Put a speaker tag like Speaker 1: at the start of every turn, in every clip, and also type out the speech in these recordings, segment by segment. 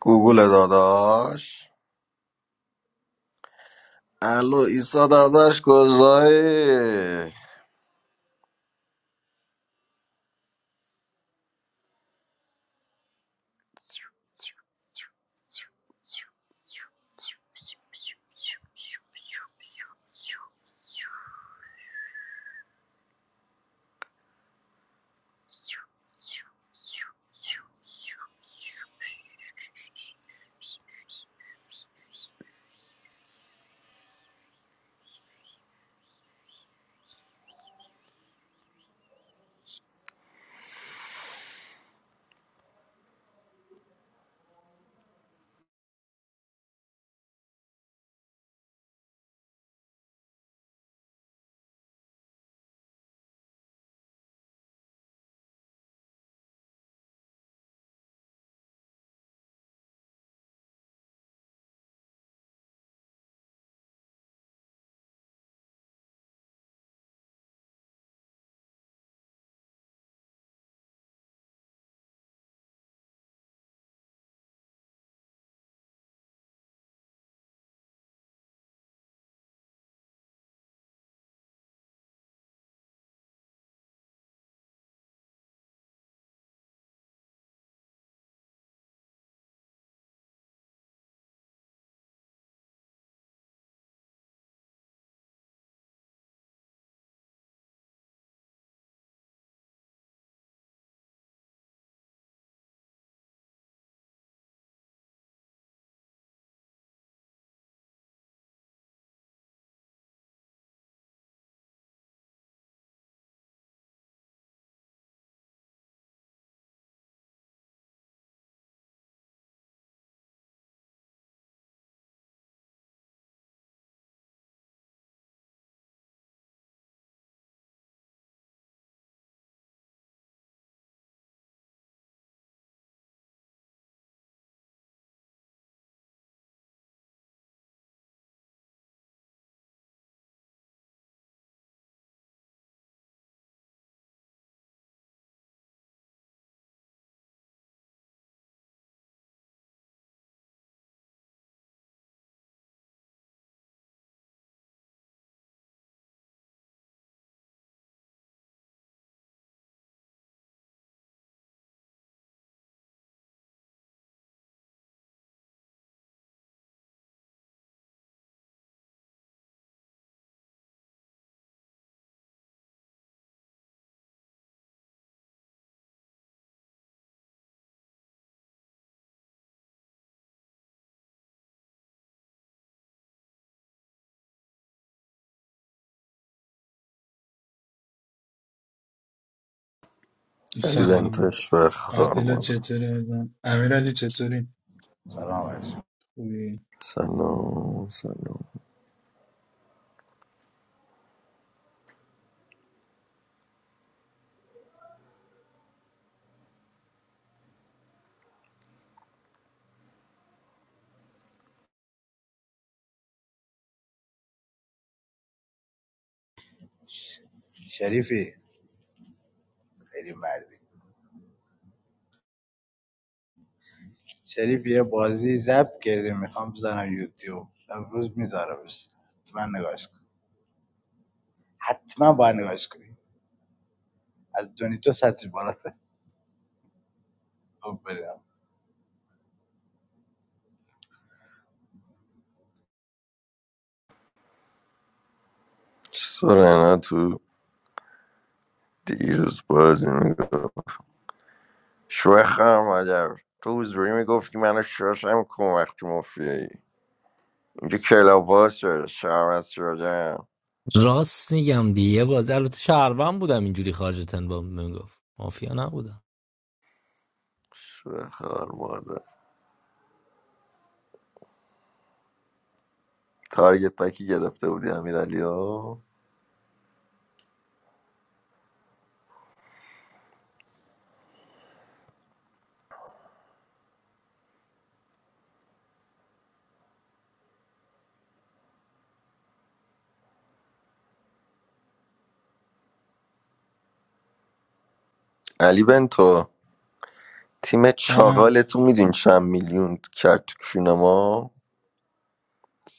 Speaker 1: گوگل داداش الو ایسا داداش کجایی علی
Speaker 2: سلام
Speaker 1: بنتش به خار
Speaker 2: عادل چطوری ازم امیرعلی چطوری
Speaker 3: Assalamualaikum,
Speaker 2: خوبی
Speaker 1: سلام سلام
Speaker 3: Sharifi, Ali Mardi. Sharifi, I have just called you. I am from YouTube. I am not a businessman. Hatmaan, I am a businessman. I have done 260. Oh, brother! I
Speaker 1: سورنا تو دیروز بازی میگو شوه خار مادر تو حضوری میگفتی منو شاشم کن وقتی مفیایی اینجا کلاباس شده شرمت شده
Speaker 4: راست میگم دیگه باز البته شهروند بودم اینجوری خارج تن با میگفت مافیا نبودم
Speaker 1: شوه خار مادر تارگت بکی گرفته بودی امیر علی ها علی بنتو تیم
Speaker 2: جانم
Speaker 1: چاقالتو میدین چند میلیون کرد تو کونه ما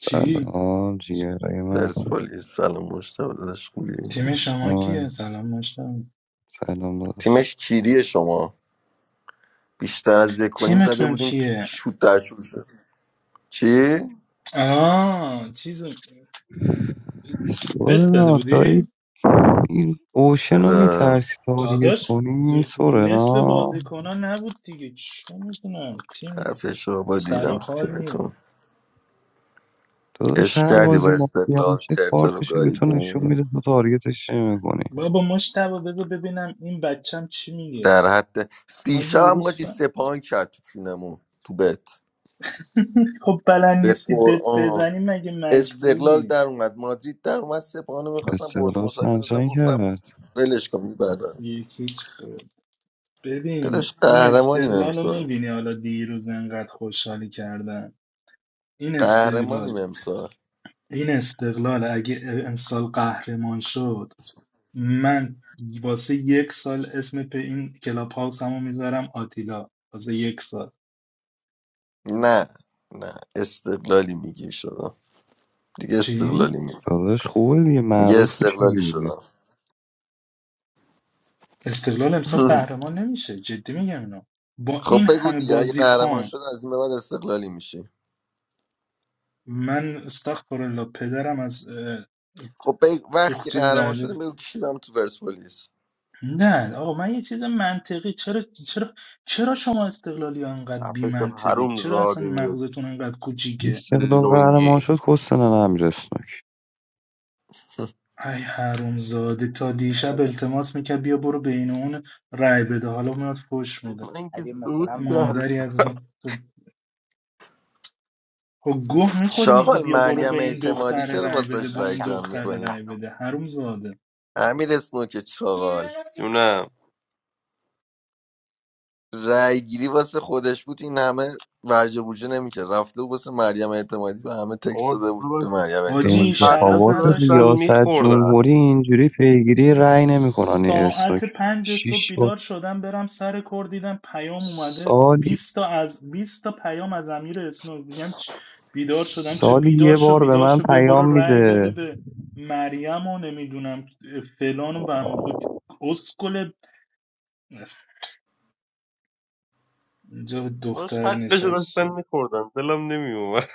Speaker 2: کی
Speaker 5: جیگرهای من
Speaker 1: پرسپولیس سلام مشتاق داداش خوبی
Speaker 2: تیم
Speaker 5: عشق
Speaker 2: شما
Speaker 5: من.
Speaker 2: کیه سلام مشتم
Speaker 5: سلام داشت
Speaker 1: تیمش کیریه شما بیشتر از یک کنیم زده
Speaker 2: تیمتون
Speaker 1: بودیم تو
Speaker 2: کیه
Speaker 1: شوت در شوت شد چی؟
Speaker 2: آه چیز بت داده
Speaker 5: سورنا
Speaker 2: بودی
Speaker 5: دایی این اوشن رو
Speaker 1: آره
Speaker 5: میترسی تارگت
Speaker 2: داداش
Speaker 5: کنی
Speaker 2: دخ- نصف
Speaker 5: سورنا
Speaker 2: بازیکنان نبود دیگه چه میدونم تیم
Speaker 1: خفش رو با
Speaker 2: سر
Speaker 1: دیدم تو
Speaker 2: حال نیست
Speaker 1: تیمتون
Speaker 5: داداش
Speaker 1: عشق
Speaker 5: هر
Speaker 1: کردی با
Speaker 5: بازی مافیا
Speaker 1: استقلال
Speaker 5: میشه
Speaker 1: ترتر رو
Speaker 5: کارتش رو به تو نشون میده
Speaker 1: گاییدیم
Speaker 5: تو تارگتش نمیکنی
Speaker 2: بابا مشتبه بذار ببینم این بچم چی میگه
Speaker 1: در حد
Speaker 2: حاجی
Speaker 1: دیشب هم
Speaker 2: عروس
Speaker 1: قاچی
Speaker 2: فهم.
Speaker 1: سپاهان کرد تو کونمون تو بت
Speaker 2: خب بلد
Speaker 1: به
Speaker 2: نیستی بت
Speaker 1: قرآن
Speaker 2: بزنی مگه
Speaker 1: استقلال
Speaker 2: مجبوری
Speaker 1: در اومد مادرید در اومد سپاهانو میخواستم برد
Speaker 5: استقلال
Speaker 1: مصاحبه دادم
Speaker 5: همچنین
Speaker 1: گفتم
Speaker 5: کرد
Speaker 1: ولش کن میبردم
Speaker 2: یکی هیچ ببین
Speaker 1: داداش
Speaker 2: این
Speaker 1: قهرمانیم
Speaker 2: استقلال رو
Speaker 1: امسال
Speaker 2: میبینی حالا دیروز انقدر خوشحالی کردن این
Speaker 1: قهرمانیم
Speaker 2: استقلال
Speaker 1: امسال
Speaker 2: این استقلال اگه امسال قهرمان شد من واسه یک سال اسم په این کلاب هاوس همو میذارم آتیلا واسه یک سال
Speaker 1: نه نه استقلالی میگی شدم دیگه
Speaker 2: چی؟
Speaker 1: استقلالی میگی
Speaker 5: داداش خوبه دیگه
Speaker 1: میگه
Speaker 5: معروف میشه
Speaker 1: استقلالی
Speaker 5: دیگه
Speaker 1: شدم
Speaker 2: استقلال امسال قهرمان نمیشه جدی میگم اینو با
Speaker 1: خب
Speaker 2: این
Speaker 1: بگو
Speaker 2: همه
Speaker 1: دیگه اگه قهرمان
Speaker 2: بازیکن
Speaker 1: شد از این به بعد استقلالی میشی
Speaker 2: من استغفر الله پدرم از اه،
Speaker 1: خب بگ...
Speaker 2: تو
Speaker 1: وقتی
Speaker 2: چیز
Speaker 1: قهرمان
Speaker 2: در بیاد.
Speaker 1: شده بگو کشیدم تو پرسپولیس
Speaker 2: نه آقا من یه چیز منطقی چرا چرا چرا شما استقلالی ها انقدر بی
Speaker 6: اپشو
Speaker 2: منطقی؟
Speaker 6: حروم
Speaker 2: چرا اصلا
Speaker 6: زاده
Speaker 2: مغزتون انقدر کوچیکه
Speaker 5: استقلال قهرمان
Speaker 6: لنگی
Speaker 5: شد کستنن امیر اسنوک
Speaker 2: ای حرومزاده تا دیشب التماس میکرد بیا برو بین اون رای بده حالا میاد فوش میده
Speaker 6: من که
Speaker 3: am a
Speaker 6: سود
Speaker 3: businessman.
Speaker 6: کردم
Speaker 2: مادری از ما. تو خب گوه میخوری میگی
Speaker 1: چاقال
Speaker 3: I
Speaker 2: بیا
Speaker 3: am doing
Speaker 2: برو به
Speaker 1: مریم
Speaker 2: این
Speaker 3: something
Speaker 1: اعتمادی
Speaker 2: دختر
Speaker 1: چرا
Speaker 2: رای
Speaker 3: extraordinary. I am
Speaker 2: بده
Speaker 3: a
Speaker 1: واسش
Speaker 2: به
Speaker 1: رای
Speaker 2: اون
Speaker 1: جمع
Speaker 2: دختر
Speaker 1: میکنی
Speaker 2: رای
Speaker 3: personality.
Speaker 2: بده حرومزاده
Speaker 1: امیر اسمو که چاقال
Speaker 6: جونم
Speaker 1: رای گیری واسه خودش بود این همه ورجه بوجه نمیکرد رفته بود واسه مریم اعتمادی و همه تکس
Speaker 6: آقا
Speaker 1: داده بود به
Speaker 6: داشت
Speaker 1: مریم
Speaker 2: حاجی
Speaker 1: اعتمادی رای
Speaker 2: شرف
Speaker 1: بدیم
Speaker 6: حقشو
Speaker 5: انتخابات
Speaker 1: به مریم
Speaker 6: داشتن
Speaker 2: نداشته
Speaker 5: ریاست
Speaker 6: میخوردن
Speaker 5: جمهوری اینجوری پیگیری رأی نمیکنن این استوک
Speaker 2: ساعت پنج صبح
Speaker 5: شیش و
Speaker 2: بیدار شدم برم سر کار دیدم پیام اومده
Speaker 5: سالی
Speaker 2: بیست تا از بیست تا پیام از امیر اسنوک میگم چ- بیدار شدم چه
Speaker 5: سالی
Speaker 2: بیدار
Speaker 5: یه
Speaker 2: شو
Speaker 5: بار به
Speaker 2: بیدار
Speaker 5: من
Speaker 2: شو بیا برو
Speaker 5: پیام
Speaker 2: رأی بده
Speaker 5: میده
Speaker 2: به مریم و نمیدونم فلان و بهمان خود اسکل اینجا
Speaker 6: داشت
Speaker 2: دختر
Speaker 6: حقشو داشتن
Speaker 2: نشسته
Speaker 6: میخوردن دلم نمیومد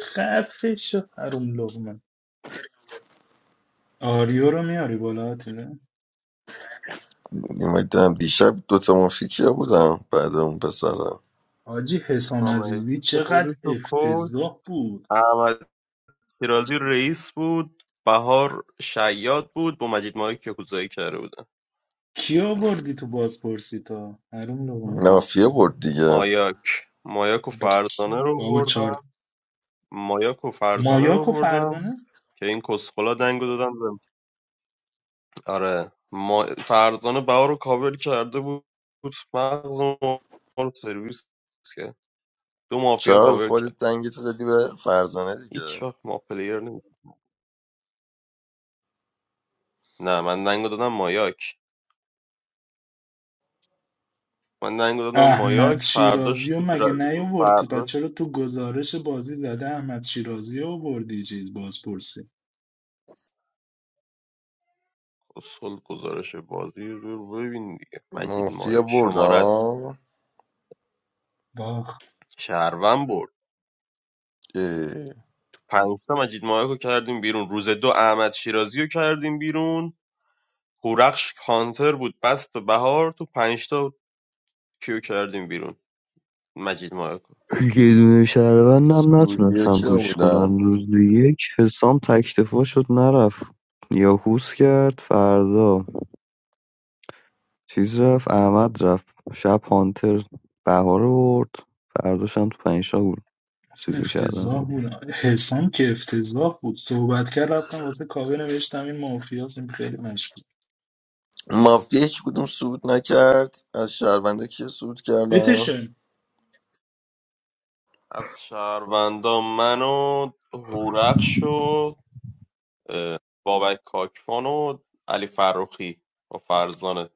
Speaker 2: خفه شو حروم لغمه آریو رو میاری بالا آتیلا
Speaker 1: نمیدونم دیشب دوتا مافیا کیا بودم بعد اون پسرم
Speaker 2: حاجی حسام
Speaker 6: اسلام
Speaker 2: عزیزی
Speaker 6: علیزی که
Speaker 2: چقدر
Speaker 6: خودش رو کش
Speaker 2: افتضاح بود
Speaker 6: احمد شیرازی رئیس بود بهار شیاد بود با مجید مایک یکوزایی کرده بودن
Speaker 2: کیا آوردی تو بازپرسی تا حروم لقم
Speaker 1: مافیا برد دیگه
Speaker 6: مایاک مایاک و
Speaker 2: با-
Speaker 6: فرزانه رو
Speaker 2: بابا چار
Speaker 6: بردم مایاک و فرزانه رو
Speaker 2: مایاک و
Speaker 6: بردم
Speaker 2: فرزانه
Speaker 6: که این کسخلا دنگو دادم آره ما فرزانه بها رو کاور کرده بود مغز ما رو سرویس کرد دو مافیا
Speaker 1: چال
Speaker 6: کاور کرد
Speaker 1: خودت دنگی تو دادی به فرزانه دیگه
Speaker 6: هیچ وقت ما پلیر نمی نه من دنگو دادم مایاک من دنگو دادم
Speaker 2: احمد
Speaker 6: مایاک فرداش
Speaker 2: شیرازی و
Speaker 6: تو در...
Speaker 2: مگه نیاوردی پس
Speaker 6: فرداش
Speaker 2: چرا تو گزارش بازی زده احمد شیرازی رو آوردی چیز بازپرسی
Speaker 6: اصل گزارش بازی رو ببین دیگه مجید
Speaker 1: مافیا
Speaker 6: مایاک
Speaker 1: برد
Speaker 6: شماره است
Speaker 1: ها
Speaker 2: باخ
Speaker 6: شهرون برد
Speaker 1: اه.
Speaker 6: تو پنجتا مجید مایاک رو کردیم بیرون روز دو احمد شیرازی رو کردیم بیرون هورخش کانتر بود بست به بهار تو پنجتا کیو کردیم بیرون مجید مایاکو
Speaker 5: یه دونه شهروندم
Speaker 1: سعودیا
Speaker 5: نتونستم
Speaker 1: کیا
Speaker 5: پوش
Speaker 1: بودم
Speaker 5: کنن روز یک حسام تکتفا شد نرفت یاکوس کرد فردا چیز رفت احمد رفت شب هانتر بهار رو برد فرداشم تو پنجشاه بود
Speaker 2: اصلا
Speaker 5: چیزو کردن
Speaker 2: افتضاح بود حسام که افتضاح بود صحبت کرد رفتم واسه کاوه نوشتم این مافیاس این خیلی مشکوک
Speaker 1: مافیا هیچ کدوم صعود نکرد از شهرونده کیا صعود کردم
Speaker 2: بتشن
Speaker 6: از شهروندان من و هورخش و اه، بابک کاکوان و علی فروخی و فرزانه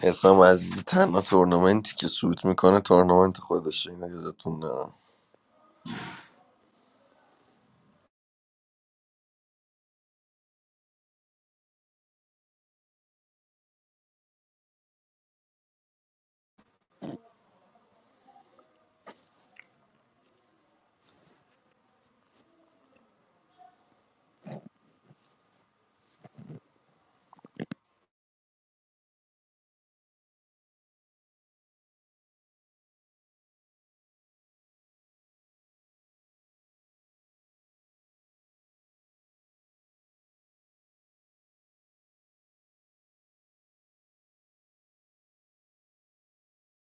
Speaker 1: حسام عزیزی تنها تورنمنتی که سود میکنه تورنمنت خودشه اینو یادتون نرم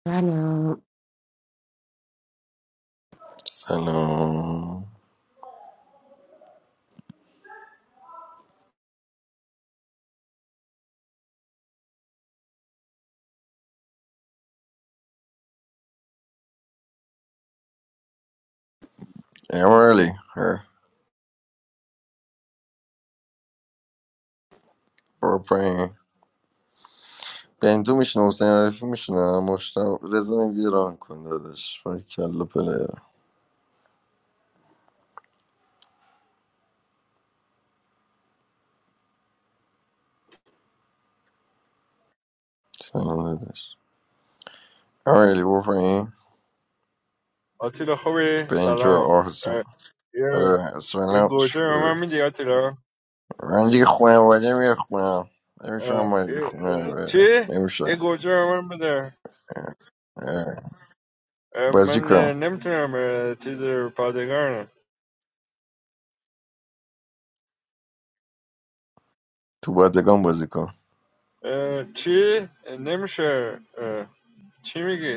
Speaker 7: I know,
Speaker 1: سلام امرلی هر برپرین بندو میشنه حسین عرفی میشنه مشتم رزا میگه ران کن دادش و کل پلیر سلام دادش امرلی برپرین
Speaker 8: آتیلا خوبی؟
Speaker 1: بنجر
Speaker 8: سلام
Speaker 1: آرسن
Speaker 8: اه، یه
Speaker 1: اه،
Speaker 8: یه
Speaker 1: سلام
Speaker 8: گوجه به
Speaker 1: اه.
Speaker 8: من میدی آتیلا؟
Speaker 1: من دیگه خانواده میخونم نمیشونم
Speaker 8: اه،
Speaker 1: من دیگه
Speaker 8: یه-
Speaker 1: خونه
Speaker 8: اه، چی؟
Speaker 1: اه،
Speaker 8: یه
Speaker 1: نمیشه
Speaker 8: گوجه به من بده اه،
Speaker 1: بازی
Speaker 8: من اه،
Speaker 1: کن
Speaker 8: نمیتونم اه، چیز پادگان
Speaker 1: تو بادگان بازی کن
Speaker 8: اه، چی؟ اه، نمیشه اه، چی میگی؟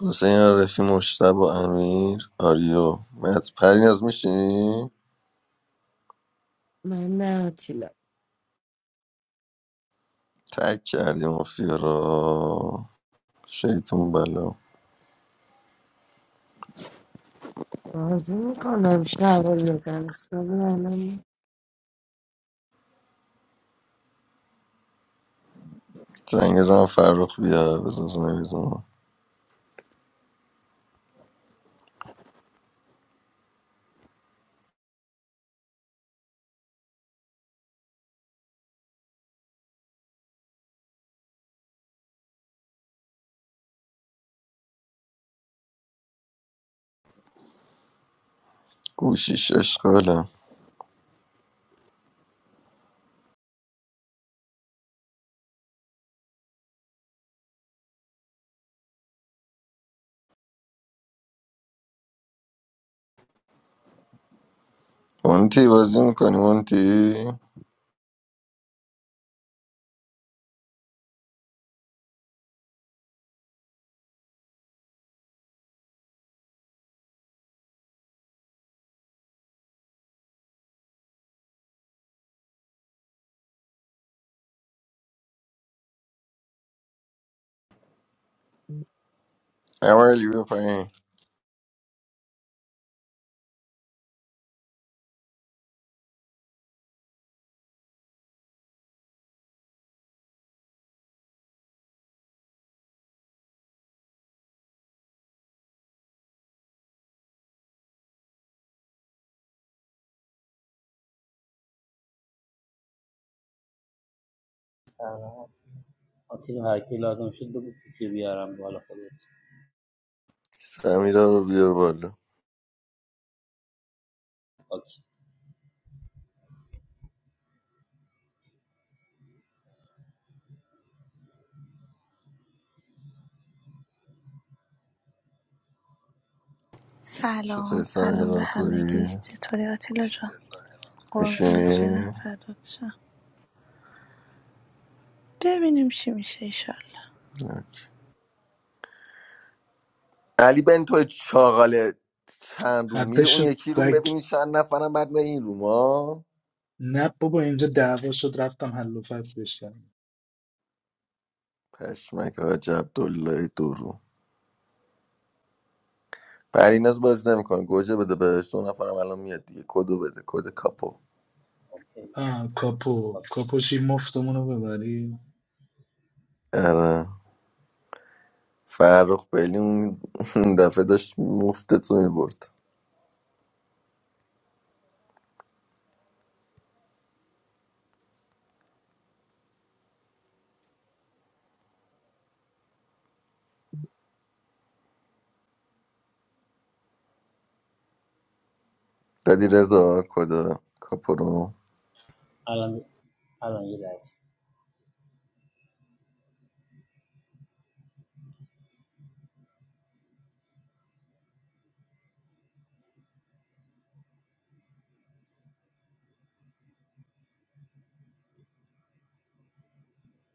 Speaker 1: حسین عارفی مشتبه امیر آریو مت پریناز میشی
Speaker 7: my nephew.
Speaker 1: تک کردی مافیا رو شیطون بلا
Speaker 7: I was only going to show him your dance, but I'm.
Speaker 1: زنگ بزن فرخ بیا بزن زنگ بزن گوشیش اشغاله مونتی بازی میکنی مونتی اولی بیا پایین
Speaker 9: I think I kill out and should do T V R and Ball of it.
Speaker 1: سمیرا رو بیار بالا
Speaker 9: Okay.
Speaker 10: سلام
Speaker 1: چطوری
Speaker 10: سلام به
Speaker 1: سمیرا خوبی
Speaker 10: همگی چطوری آتیلا جان قربونت برم
Speaker 1: میشینی
Speaker 10: فدات شم ببینیم چی میشه ایشالله
Speaker 1: علی بنتو چاقال چند روم
Speaker 2: خفه
Speaker 1: میره اون
Speaker 2: شد
Speaker 1: یکی روم
Speaker 2: سگ
Speaker 1: ببینی چند نفرم بعد به این روم ها
Speaker 2: نه بابا اینجا دعوا شد رفتم حل و فصلش کردم
Speaker 1: پشمک حاج عبدالله درو پریناز بازی نمیکنه گوجه بده بهش دو نفرم الان میاد دیگه کدو بده کد کاپو
Speaker 9: Okay.
Speaker 2: آه، کاپو
Speaker 9: Okay.
Speaker 2: کاپوشی مفتمون رو ببری
Speaker 1: آره فرخ بلیون اون دفعه داشت مفتتو میبرد دادی رضا کد کاپو رو
Speaker 9: Alan, Alan, you guys.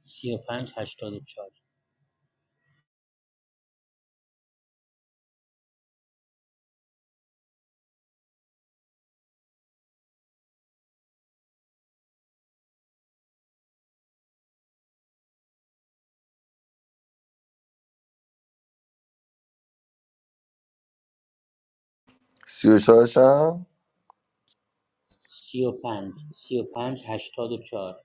Speaker 9: C O Pans hashtag to do char.
Speaker 1: سی و شاشم
Speaker 9: C O Pans C O Pans hashtag to do char.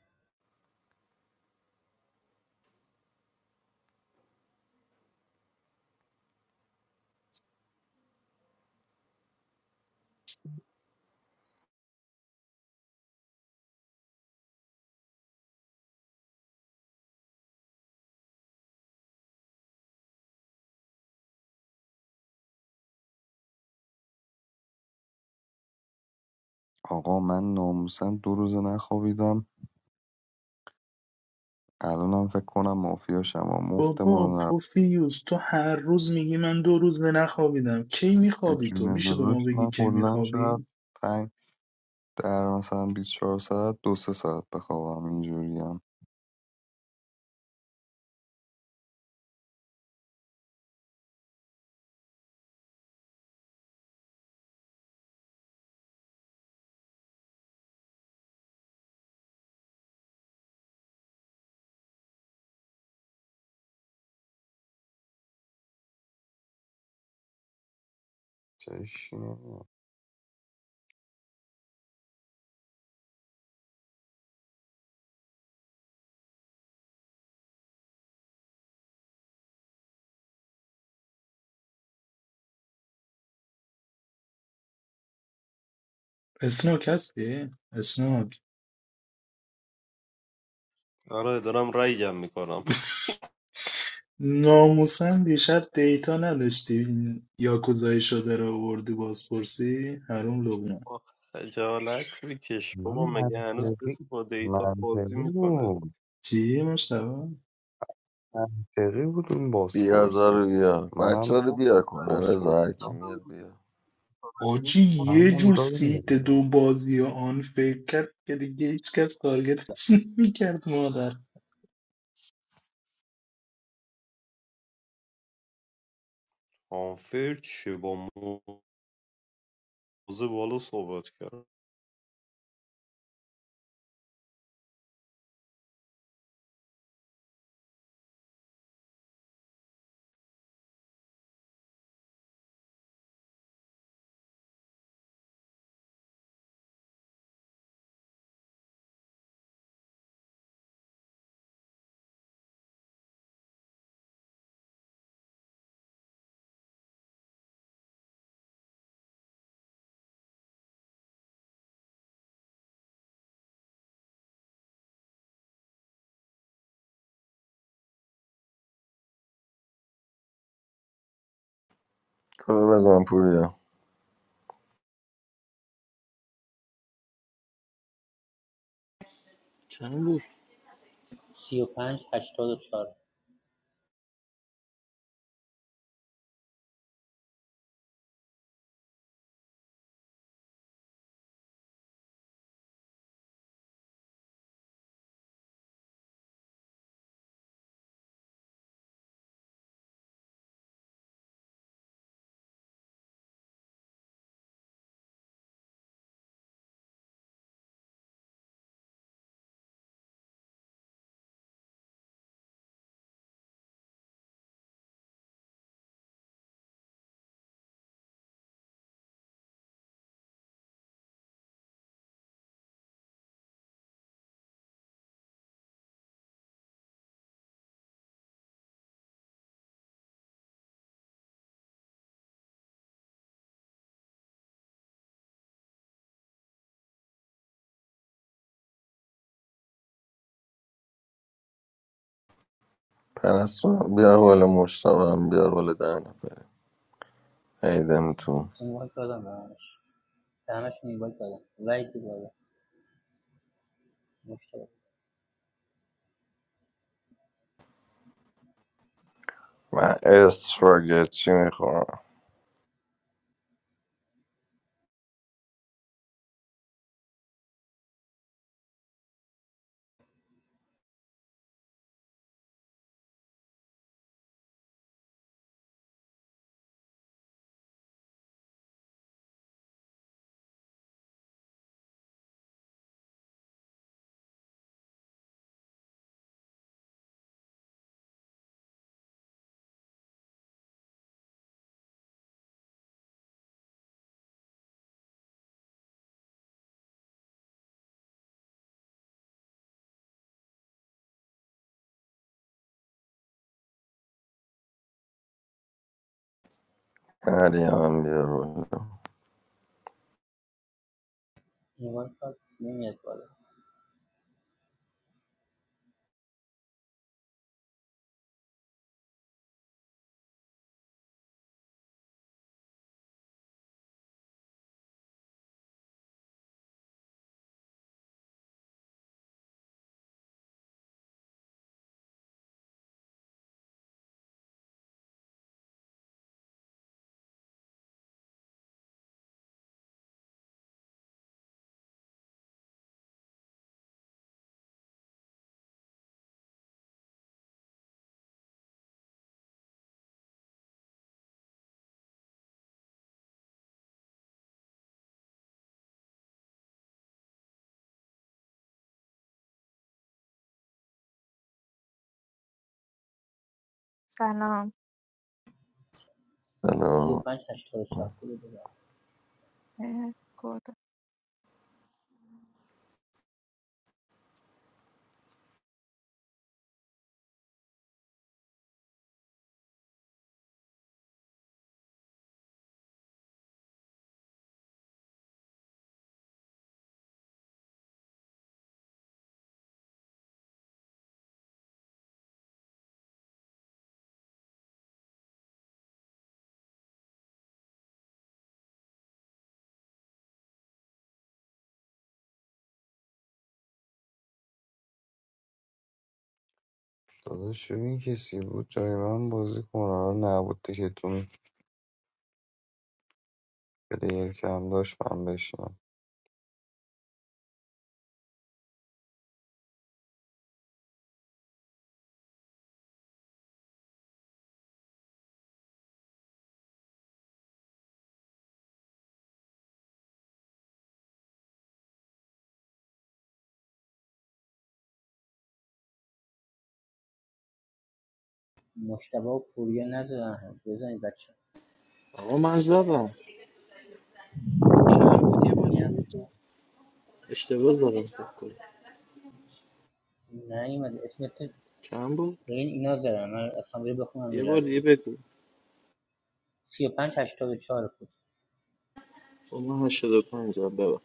Speaker 5: آقا من ناموسن دو روز نخوابیدم الانم فکر کنم مافیا شما مفتمون
Speaker 2: بابا
Speaker 5: رو نب
Speaker 2: پوفیوس تو هر روز میگی من دو روز نخوابیدم کی
Speaker 5: به
Speaker 2: میخوابی تو
Speaker 5: جون
Speaker 2: میشه به ما
Speaker 5: داداش
Speaker 2: بگی
Speaker 5: من
Speaker 2: کی
Speaker 5: کلا شاید
Speaker 2: میخوابی
Speaker 5: پنج در مثلا 24 ساعت دو سه ساعت بخوابم اینجوری هم چشی نمیاد.
Speaker 2: اسناک هستی اسناک
Speaker 6: آره دارم رای جمع میکنم
Speaker 2: ناموسا دیشب دیتا نداشتی این یاکوزایی شده رو آوردی بازپرسی حروم لبنان
Speaker 6: خجالت بکش
Speaker 5: من
Speaker 6: بابا مگه هنوز
Speaker 5: منطقی
Speaker 6: کسی با دیتا بازی
Speaker 5: منطقی
Speaker 6: میکنه
Speaker 5: بود
Speaker 2: چی مشتبه
Speaker 5: منطقی بود اون
Speaker 1: بیازار
Speaker 5: بازپرسی
Speaker 1: رو بیار
Speaker 5: منم
Speaker 1: بچه رو
Speaker 6: بابا
Speaker 1: بیار کنن
Speaker 5: بازپرس
Speaker 1: رضا هر کی
Speaker 5: بودم.
Speaker 1: میاد بیار
Speaker 6: این
Speaker 2: آجی
Speaker 6: خود
Speaker 2: یه جور
Speaker 5: همونجا
Speaker 2: سیت
Speaker 5: میبودم
Speaker 2: دو بازی آن فکر کرد که دیگه هیچ کس تارگتش نمیکرد مادر
Speaker 6: آنفر چه با موزه بالا صحبت کرد
Speaker 1: کدو بزن پوریا
Speaker 11: Chambo,
Speaker 9: C O Pans hashtag to do char.
Speaker 1: پرستو بیار بالا مشتبه هم بیار بالا در نفره ایدم تو
Speaker 9: You want to do that? I don't want to do that. Why do you want to? Most of
Speaker 1: من اسفاگتی میخورم هریان بیا بالا
Speaker 9: you want to do.
Speaker 12: I don't
Speaker 9: C O
Speaker 1: سلام
Speaker 9: Pans hashtag to do char. Cool.
Speaker 12: know.
Speaker 5: داداش ببین کسی بود جای من بازی کنه حالا نبود که تو پلیر کم داشت من بشینم
Speaker 9: Most of you are poor. You don't have. You don't have that.
Speaker 11: oh, Mazda, man. Chambo, di ba
Speaker 9: Do
Speaker 11: di
Speaker 9: you?
Speaker 11: beku. I should have done that.
Speaker 9: No, I don't.
Speaker 11: Chambo,
Speaker 9: I mean, that's why I'm asking you because I'm
Speaker 11: di ba
Speaker 9: your friend.
Speaker 11: di beku.
Speaker 9: Siyepen, eight or four.
Speaker 11: Oh my, I should have Mazda beko.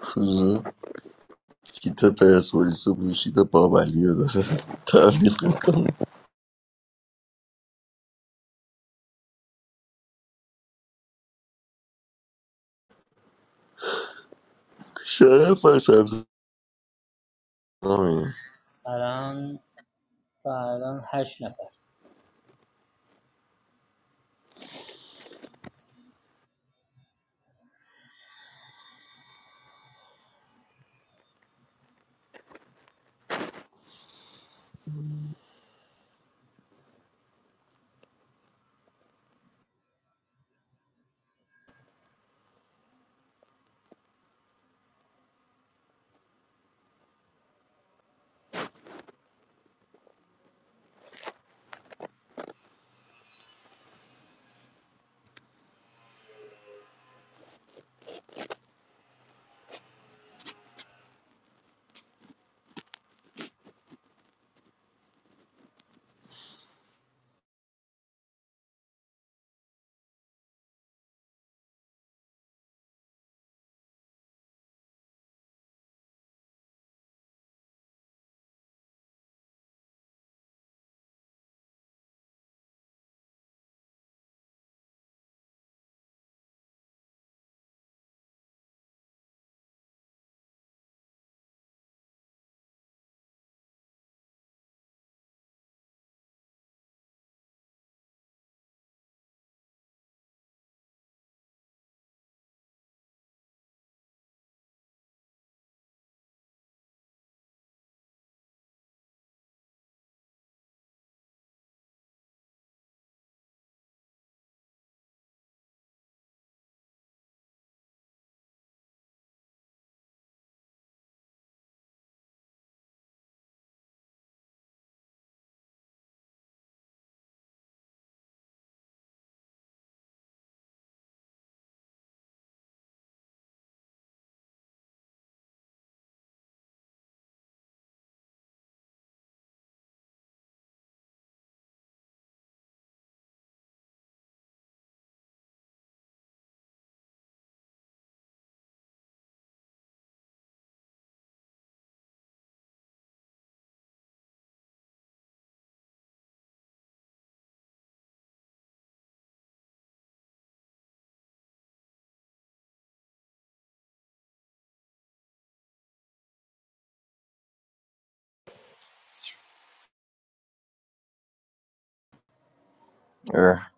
Speaker 1: خوزه کیت پرسپولیس و پوشید و بابلی رو داره تبلیغ میکنه شاید فرسبز نامیه.
Speaker 9: Alan to Alan, eight. No,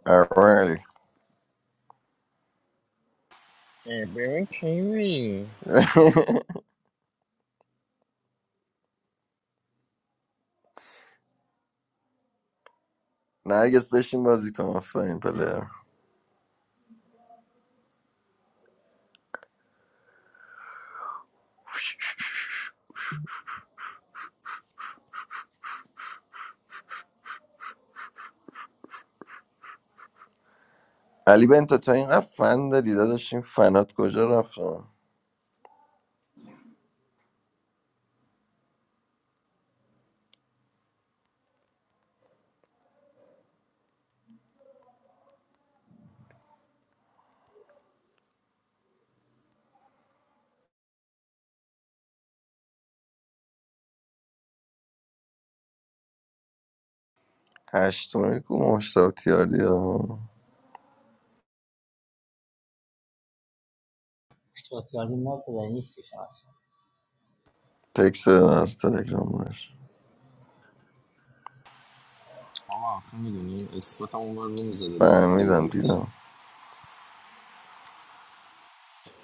Speaker 1: اولی
Speaker 13: اه، ببین کی میری
Speaker 1: نرگس بشین بازی کن آفرین پلر علی بنتا تا اینقدر فن داری داداش این فنات کجا رفتن هشتونه کو مشتاق تیاردی ها
Speaker 9: but you are not going to be nice. It's hard.
Speaker 1: تکس از تلگرام باش
Speaker 13: آقا آخه میدونی اسکات هم اونور نمیزده لسته
Speaker 1: فهمیدم
Speaker 13: ایزیت
Speaker 1: دیدم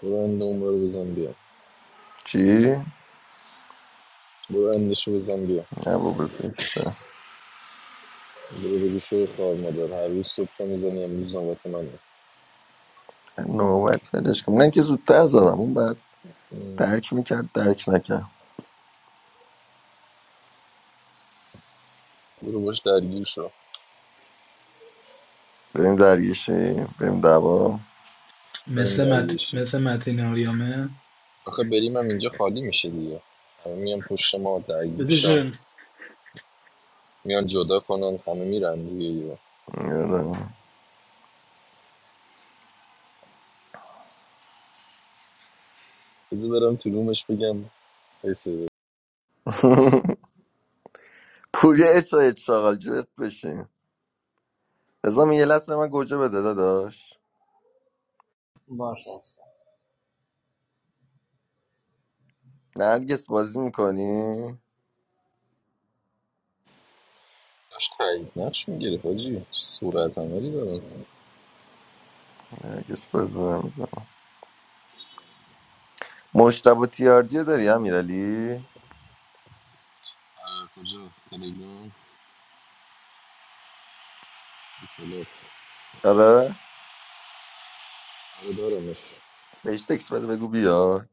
Speaker 13: برو انده اونور بزن بیا
Speaker 1: چی؟
Speaker 13: برو اندشو بزن بیا
Speaker 1: نه بابا زشته
Speaker 13: برو بگو شوی خوار مادر هر روز صبح پا میزنی امروز نوبت منه
Speaker 1: نوبت ولش کن من که زودتر زدم اون بعد
Speaker 13: ام.
Speaker 1: درک میکرد درک نکرد
Speaker 13: برو باش درگیر شو
Speaker 1: بریم درگیشی بریم دعوا
Speaker 13: بریم
Speaker 2: مثل مت...
Speaker 13: درگیرشیم
Speaker 2: مثل متین آریامه
Speaker 13: آخه بریم هم اینجا خالی میشه دیگه همه میان پشت ما
Speaker 2: بده
Speaker 13: درگیرشن
Speaker 2: جون
Speaker 13: میان جدا کنن همه میرن دیگه یه
Speaker 1: یادم.
Speaker 13: بذار برم تو رومش بگم حسه
Speaker 1: پوریا اچای شاغل جبت بشین ازام یه لحظه من گوجه بده داداش
Speaker 9: It's hard.
Speaker 1: نرگس بازی میکنی؟
Speaker 13: داشت تایید نقش میگرفت حاجی صورت عملی دارم
Speaker 1: نرگس بازی نمیکنی مشتبه تیاردی داری امیرعلی؟
Speaker 13: کجا تلگرام
Speaker 1: آره؟
Speaker 13: آره دارمش
Speaker 1: بهش تکس بده بگو بیاد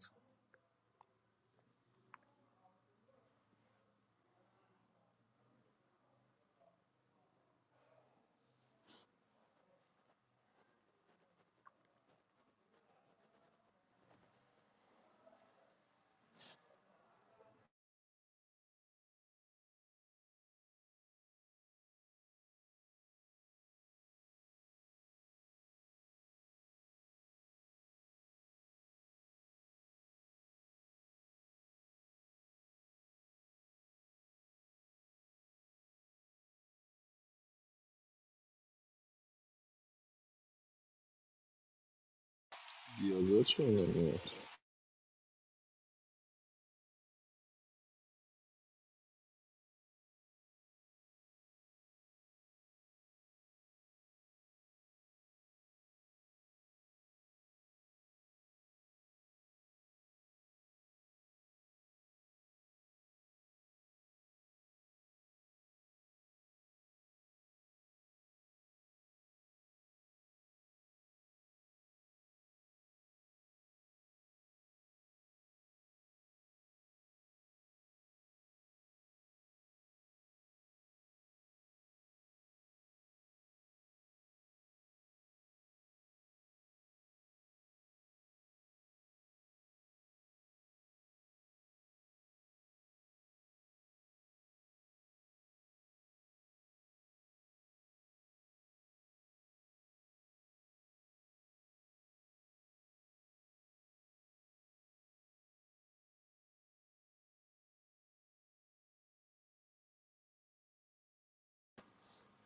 Speaker 13: بیازار چرا نمیاد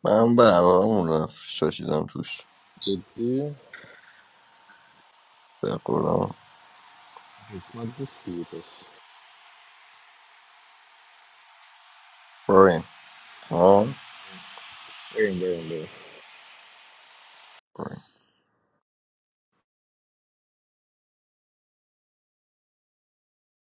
Speaker 1: من برامون رفت شاشیدم توش
Speaker 13: جدی
Speaker 1: به قرآن
Speaker 13: قسمت نیستی پس
Speaker 1: بریم ها
Speaker 13: بریم بریم بریم